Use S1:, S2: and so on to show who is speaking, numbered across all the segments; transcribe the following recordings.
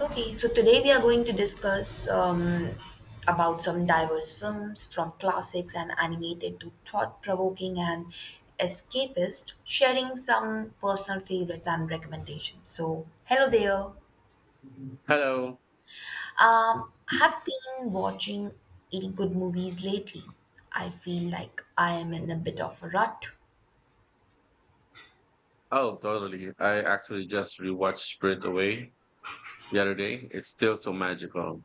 S1: Okay, so today we are going to discuss about some diverse films, from classics and animated to thought-provoking and escapist, sharing some personal favorites and recommendations. So, hello there.
S2: Hello.
S1: Have been watching any good movies lately. I feel like I am in a bit of a rut.
S2: Oh, totally. I actually just rewatched Sprint Away the other day. It's still so magical.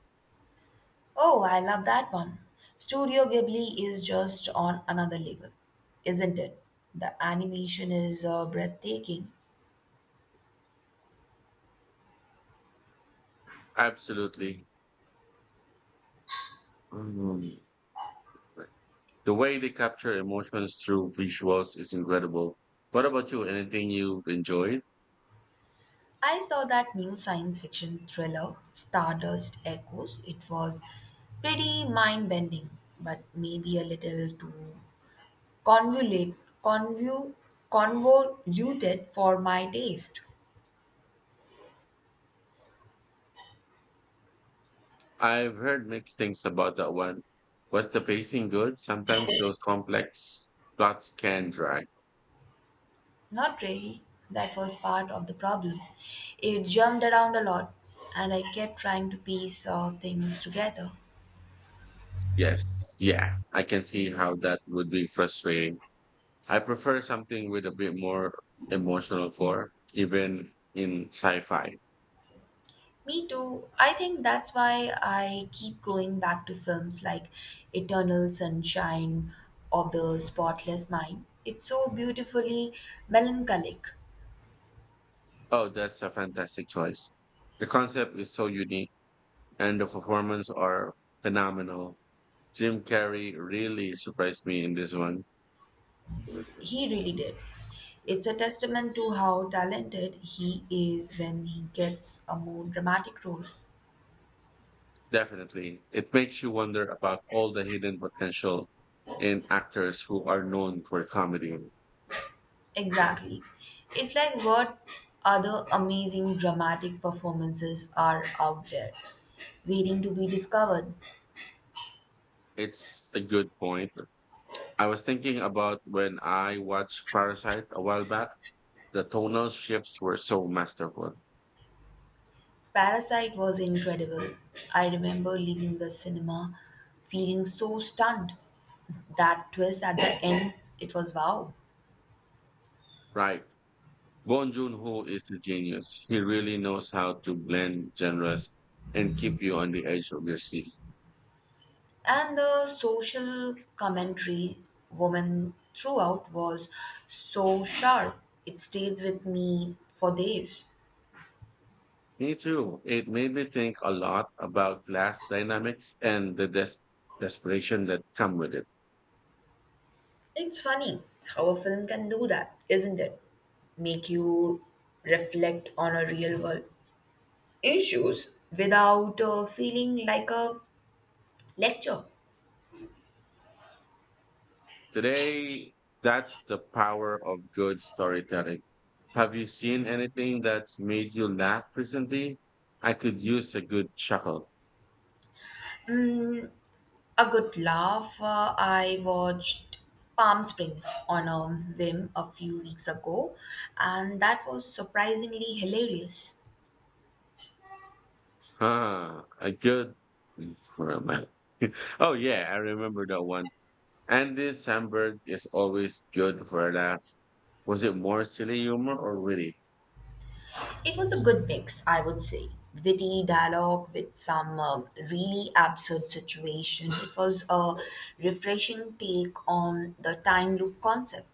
S1: Oh, I love that one. Studio Ghibli is just on another level, isn't it? The animation is breathtaking.
S2: Absolutely. Mm. The way they capture emotions through visuals is incredible. What about you? Anything you've enjoyed?
S1: I saw that new science fiction thriller, Stardust Echoes. It was pretty mind bending, but maybe a little too convolute, convu, convoluted for my taste.
S2: I've heard mixed things about that one. Was the pacing good? Sometimes those complex plots can drag.
S1: Not really. That was part of the problem. It jumped around a lot, and I kept trying to piece things together.
S2: Yes. Yeah. I can see how that would be frustrating. I prefer something with a bit more emotional core, even in sci-fi.
S1: Me too. I think that's why I keep going back to films like Eternal Sunshine of the Spotless Mind. It's so beautifully melancholic.
S2: Oh, that's a fantastic choice. The concept is so unique and the performance are phenomenal. Jim Carrey really surprised me in this one.
S1: He really did. It's a testament to how talented he is when he gets a more dramatic role.
S2: Definitely. It makes you wonder about all the hidden potential in actors who are known for comedy.
S1: Exactly. It's like what other amazing dramatic performances are out there, waiting to be discovered.
S2: It's a good point. I was thinking about when I watched Parasite a while back. The tonal shifts were so masterful.
S1: Parasite was incredible. I remember leaving the cinema feeling so stunned. That twist at the end, it was wow.
S2: Right. Bong Joon-ho is a genius. He really knows how to blend genres and keep you on the edge of your seat.
S1: And the social commentary woman throughout was so sharp. It stays with me for days.
S2: Me too. It made me think a lot about class dynamics and the desperation that come with it.
S1: It's funny how a film can do that, isn't it? Make you reflect on a real world issues without feeling like a lecture.
S2: Today, that's the power of good storytelling. Have you seen anything that's made you laugh recently? I could use a good chuckle.
S1: A good laugh. I watched Palm Springs on a whim a few weeks ago, and that was surprisingly hilarious.
S2: Huh, a good. Where am I? Oh, yeah, I remember that one. Andy Samberg is always good for a laugh. Was it more silly humor or witty?
S1: It was a good mix, I would say. Witty dialogue with some really absurd situation. It was a refreshing take on the time loop concept.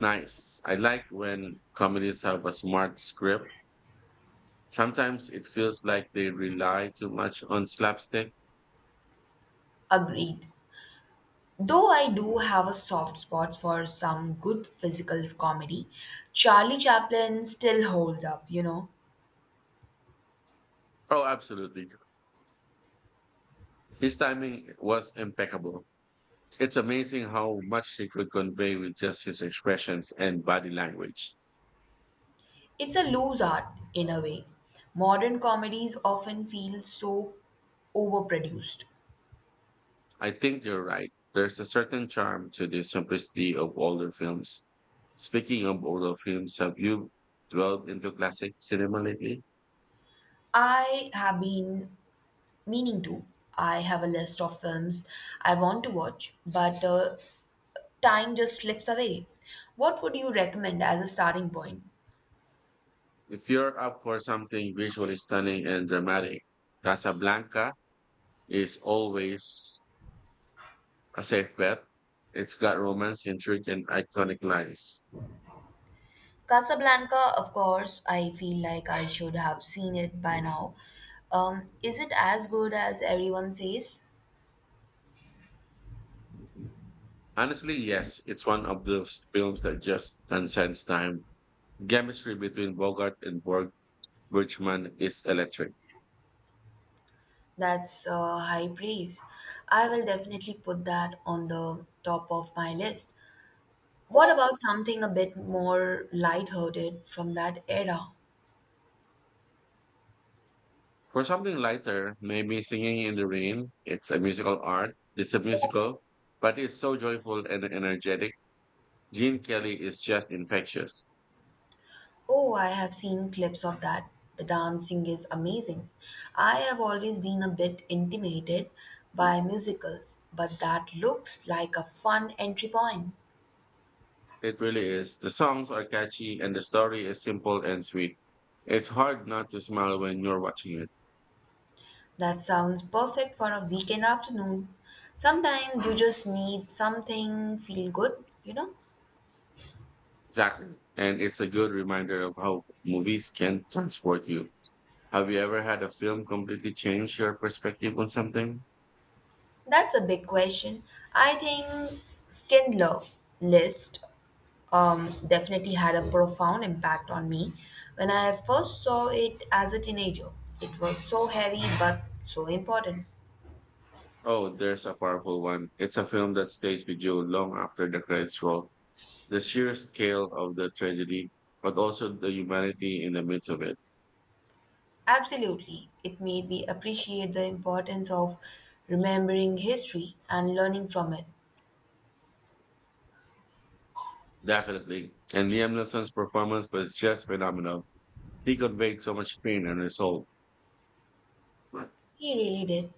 S2: Nice. I like when comedies have a smart script. Sometimes it feels like they rely too much on slapstick.
S1: Agreed. Though I do have a soft spot for some good physical comedy, Charlie Chaplin still holds up, you know.
S2: Oh, absolutely. His timing was impeccable. It's amazing how much he could convey with just his expressions and body language.
S1: It's a loose art in a way. Modern comedies often feel so overproduced.
S2: I think you're right. There's a certain charm to the simplicity of older films. Speaking of older films, have you dwelled into classic cinema lately?
S1: I have been meaning to. I have a list of films I want to watch, but time just slips away. What would you recommend as a starting point?
S2: If you're up for something visually stunning and dramatic, Casablanca is always a safe bet. It's got romance, intrigue, and iconic lines.
S1: Casablanca, of course, I feel like I should have seen it by now. Is it as good as everyone says?
S2: Honestly, yes, it's one of those films that just transcends time. Chemistry between Bogart and Borg Birchman is electric.
S1: That's high praise. I will definitely put that on the top of my list. What about something a bit more lighthearted from that era?
S2: For something lighter, maybe Singing in the Rain, it's a musical art, it's a musical, but it's so joyful and energetic. Gene Kelly is just infectious.
S1: Oh, I have seen clips of that. The dancing is amazing. I have always been a bit intimidated by musicals, but that looks like a fun entry point.
S2: It really is. The songs are catchy and the story is simple and sweet. It's hard not to smile when you're watching it.
S1: That sounds perfect for a weekend afternoon. Sometimes you just need something feel good, you know?
S2: Exactly. And it's a good reminder of how movies can transport you. Have you ever had a film completely change your perspective on something?
S1: That's a big question. I think Schindler List definitely had a profound impact on me when I first saw it as a teenager. It was so heavy but so important.
S2: Oh, there's a powerful one. It's a film that stays with you long after the credits roll. The sheer scale of the tragedy, but also the humanity in the midst of it.
S1: Absolutely, it made me appreciate the importance of remembering history and learning from it.
S2: Definitely. And Liam Neeson's performance was just phenomenal. He conveyed so much pain and resolve. I
S1: He really did.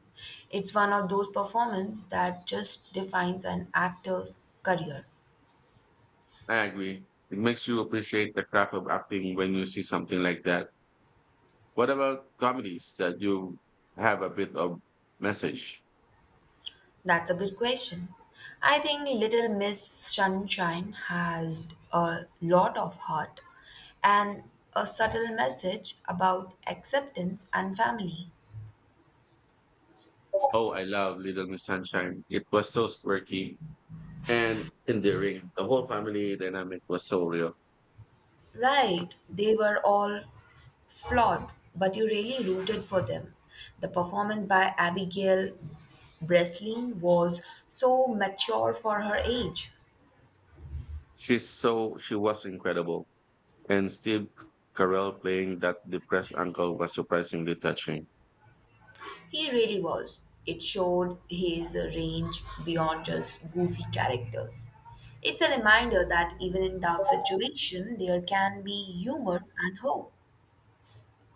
S1: It's one of those performances that just defines an actor's career.
S2: agree. It makes you appreciate the craft of acting when you see something like that. What about comedies that you have a bit of message?
S1: That's a good question. I think Little Miss Sunshine has a lot of heart and a subtle message about acceptance and family.
S2: Oh, I love Little Miss Sunshine. It was so quirky and endearing. The whole family dynamic was so real.
S1: Right, they were all flawed, but you really rooted for them. The performance by Abigail Breslin was so mature for her age.
S2: She was incredible. And Steve Carell playing that depressed uncle was surprisingly touching.
S1: He really was. It showed his range beyond just goofy characters. It's a reminder that even in dark situations, there can be humor and hope.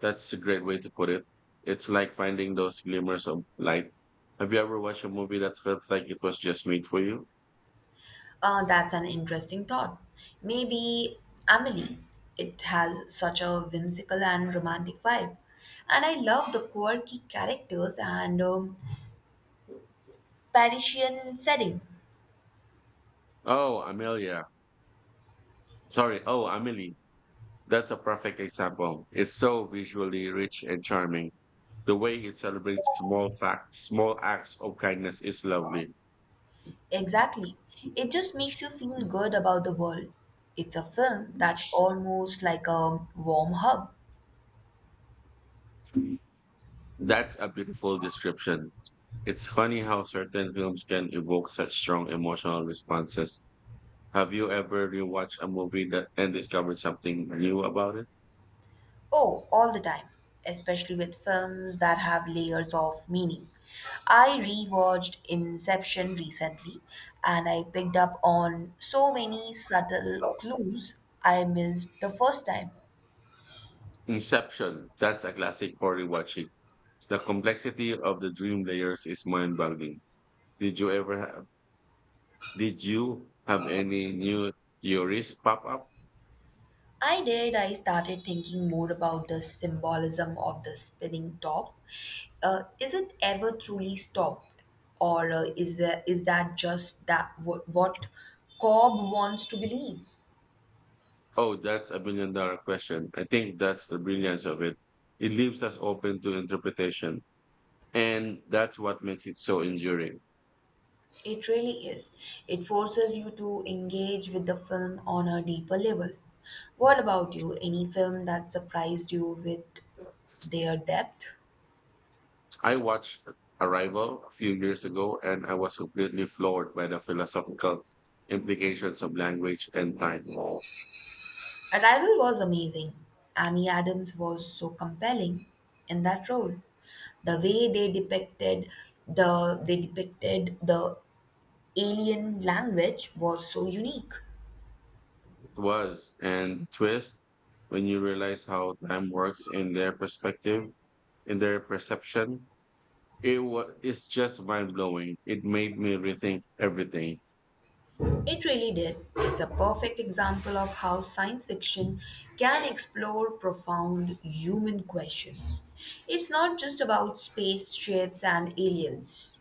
S2: That's a great way to put it. It's like finding those glimmers of light. Have you ever watched a movie that felt like it was just made for you?
S1: That's an interesting thought. Maybe Amelie. It has such a whimsical and romantic vibe. And I love the quirky characters and Parisian setting.
S2: Oh, Amelia. Sorry. Oh, Amelie. That's a perfect example. It's so visually rich and charming. The way it celebrates small facts, small acts of kindness is lovely.
S1: Exactly. It just makes you feel good about the world. It's a film that almost like a warm hug.
S2: That's a beautiful description. It's funny how certain films can evoke such strong emotional responses. Have you ever rewatched a movie that and discovered something new about it?
S1: Oh, all the time, especially with films that have layers of meaning. I rewatched Inception recently and I picked up on so many subtle clues I missed the first time.
S2: Inception. That's a classic for rewatching. The complexity of the dream layers is mind-boggling. Did you ever have? Did you have any new theories pop up?
S1: I did. I started thinking more about the symbolism of the spinning top. Is it ever truly stopped, or is there, is that just that what Cobb wants to believe?
S2: Oh, that's a billion dollar question. I think that's the brilliance of it. It leaves us open to interpretation. And that's what makes it so enduring.
S1: It really is. It forces you to engage with the film on a deeper level. What about you? Any film that surprised you with their depth?
S2: I watched Arrival a few years ago and I was completely floored by the philosophical implications of language and time. It
S1: Arrival was amazing. Amy Adams was so compelling in that role. The way they depicted the alien language was so unique.
S2: was and twist when you realize how time works in their perspective, in their perception. It's just mind blowing. It made me rethink everything.
S1: It really did. It's a perfect example of how science fiction can explore profound human questions. It's not just about spaceships and aliens.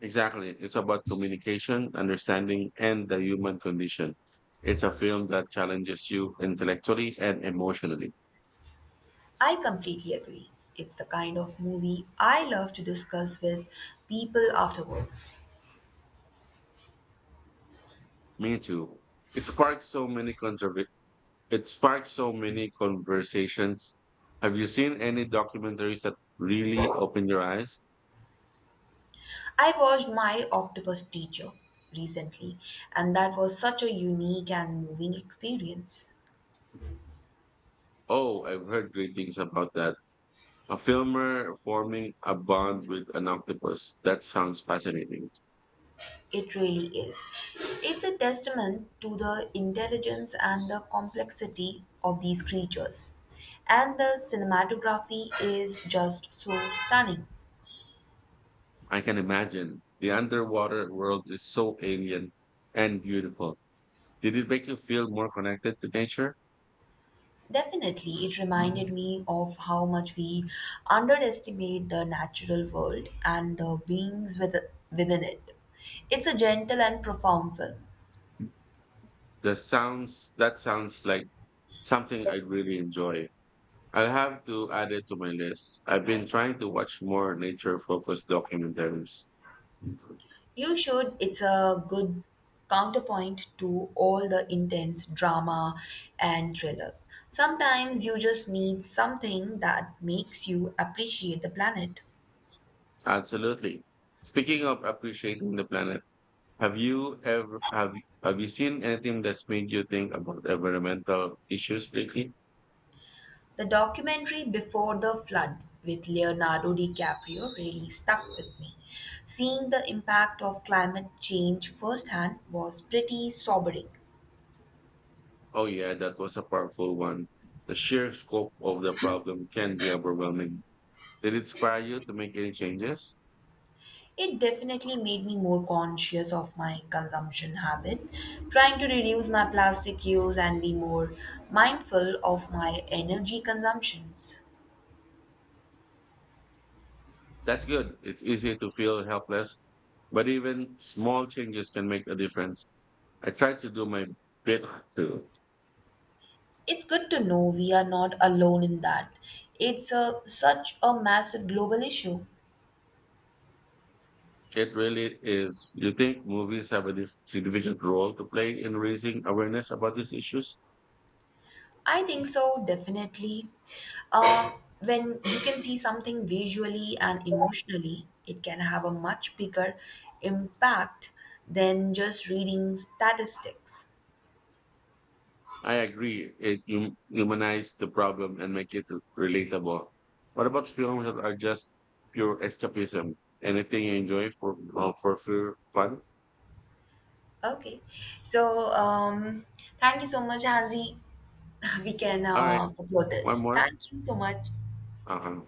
S2: Exactly. It's about communication, understanding, and the human condition. It's a film that challenges you intellectually and emotionally.
S1: I completely agree. It's the kind of movie I love to discuss with people afterwards.
S2: Me too. It sparked so many controver- it sparked so many conversations. Have you seen any documentaries that really opened your eyes?
S1: I watched My Octopus Teacher recently, and that was such a unique and moving experience.
S2: Oh, I've heard great things about that. A filmer forming a bond with an octopus. That sounds fascinating.
S1: It really is. It's a testament to the intelligence and the complexity of these creatures. And the cinematography is just so stunning.
S2: I can imagine. The underwater world is so alien and beautiful. Did it make you feel more connected to nature?
S1: Definitely, it reminded me of how much we underestimate the natural world and the beings within it. It's a gentle and profound film.
S2: The sounds that sounds like something I really enjoy. I'll have to add it to my list. I've been trying to watch more nature-focused documentaries.
S1: You should. It's a good counterpoint to all the intense drama and thriller. Sometimes you just need something that makes you appreciate the planet.
S2: Absolutely. Speaking of appreciating the planet, have you seen anything that's made you think about environmental issues lately?
S1: The documentary Before the Flood with Leonardo DiCaprio really stuck with me. Seeing the impact of climate change firsthand was pretty sobering.
S2: Oh, yeah, that was a powerful one. The sheer scope of the problem can be overwhelming. Did it inspire you to make any changes?
S1: It definitely made me more conscious of my consumption habit, trying to reduce my plastic use and be more mindful of my energy consumptions.
S2: That's good. It's easy to feel helpless, but even small changes can make a difference. I try to do my bit too.
S1: It's good to know we are not alone in that. It's such a massive global issue.
S2: It really is. You think movies have a significant role to play in raising awareness about these issues?
S1: I think so, definitely. Uh, when you can see something visually and emotionally, it can have a much bigger impact than just reading statistics.
S2: I agree. It humanizes the problem and make it relatable. What about films that are just pure escapism? Anything you enjoy for pure fun?
S1: Okay. So, um, Thank you so much, Hansi. We can
S2: All right,
S1: upload
S2: one
S1: this.
S2: more.
S1: Thank you so much.
S2: Uh-huh.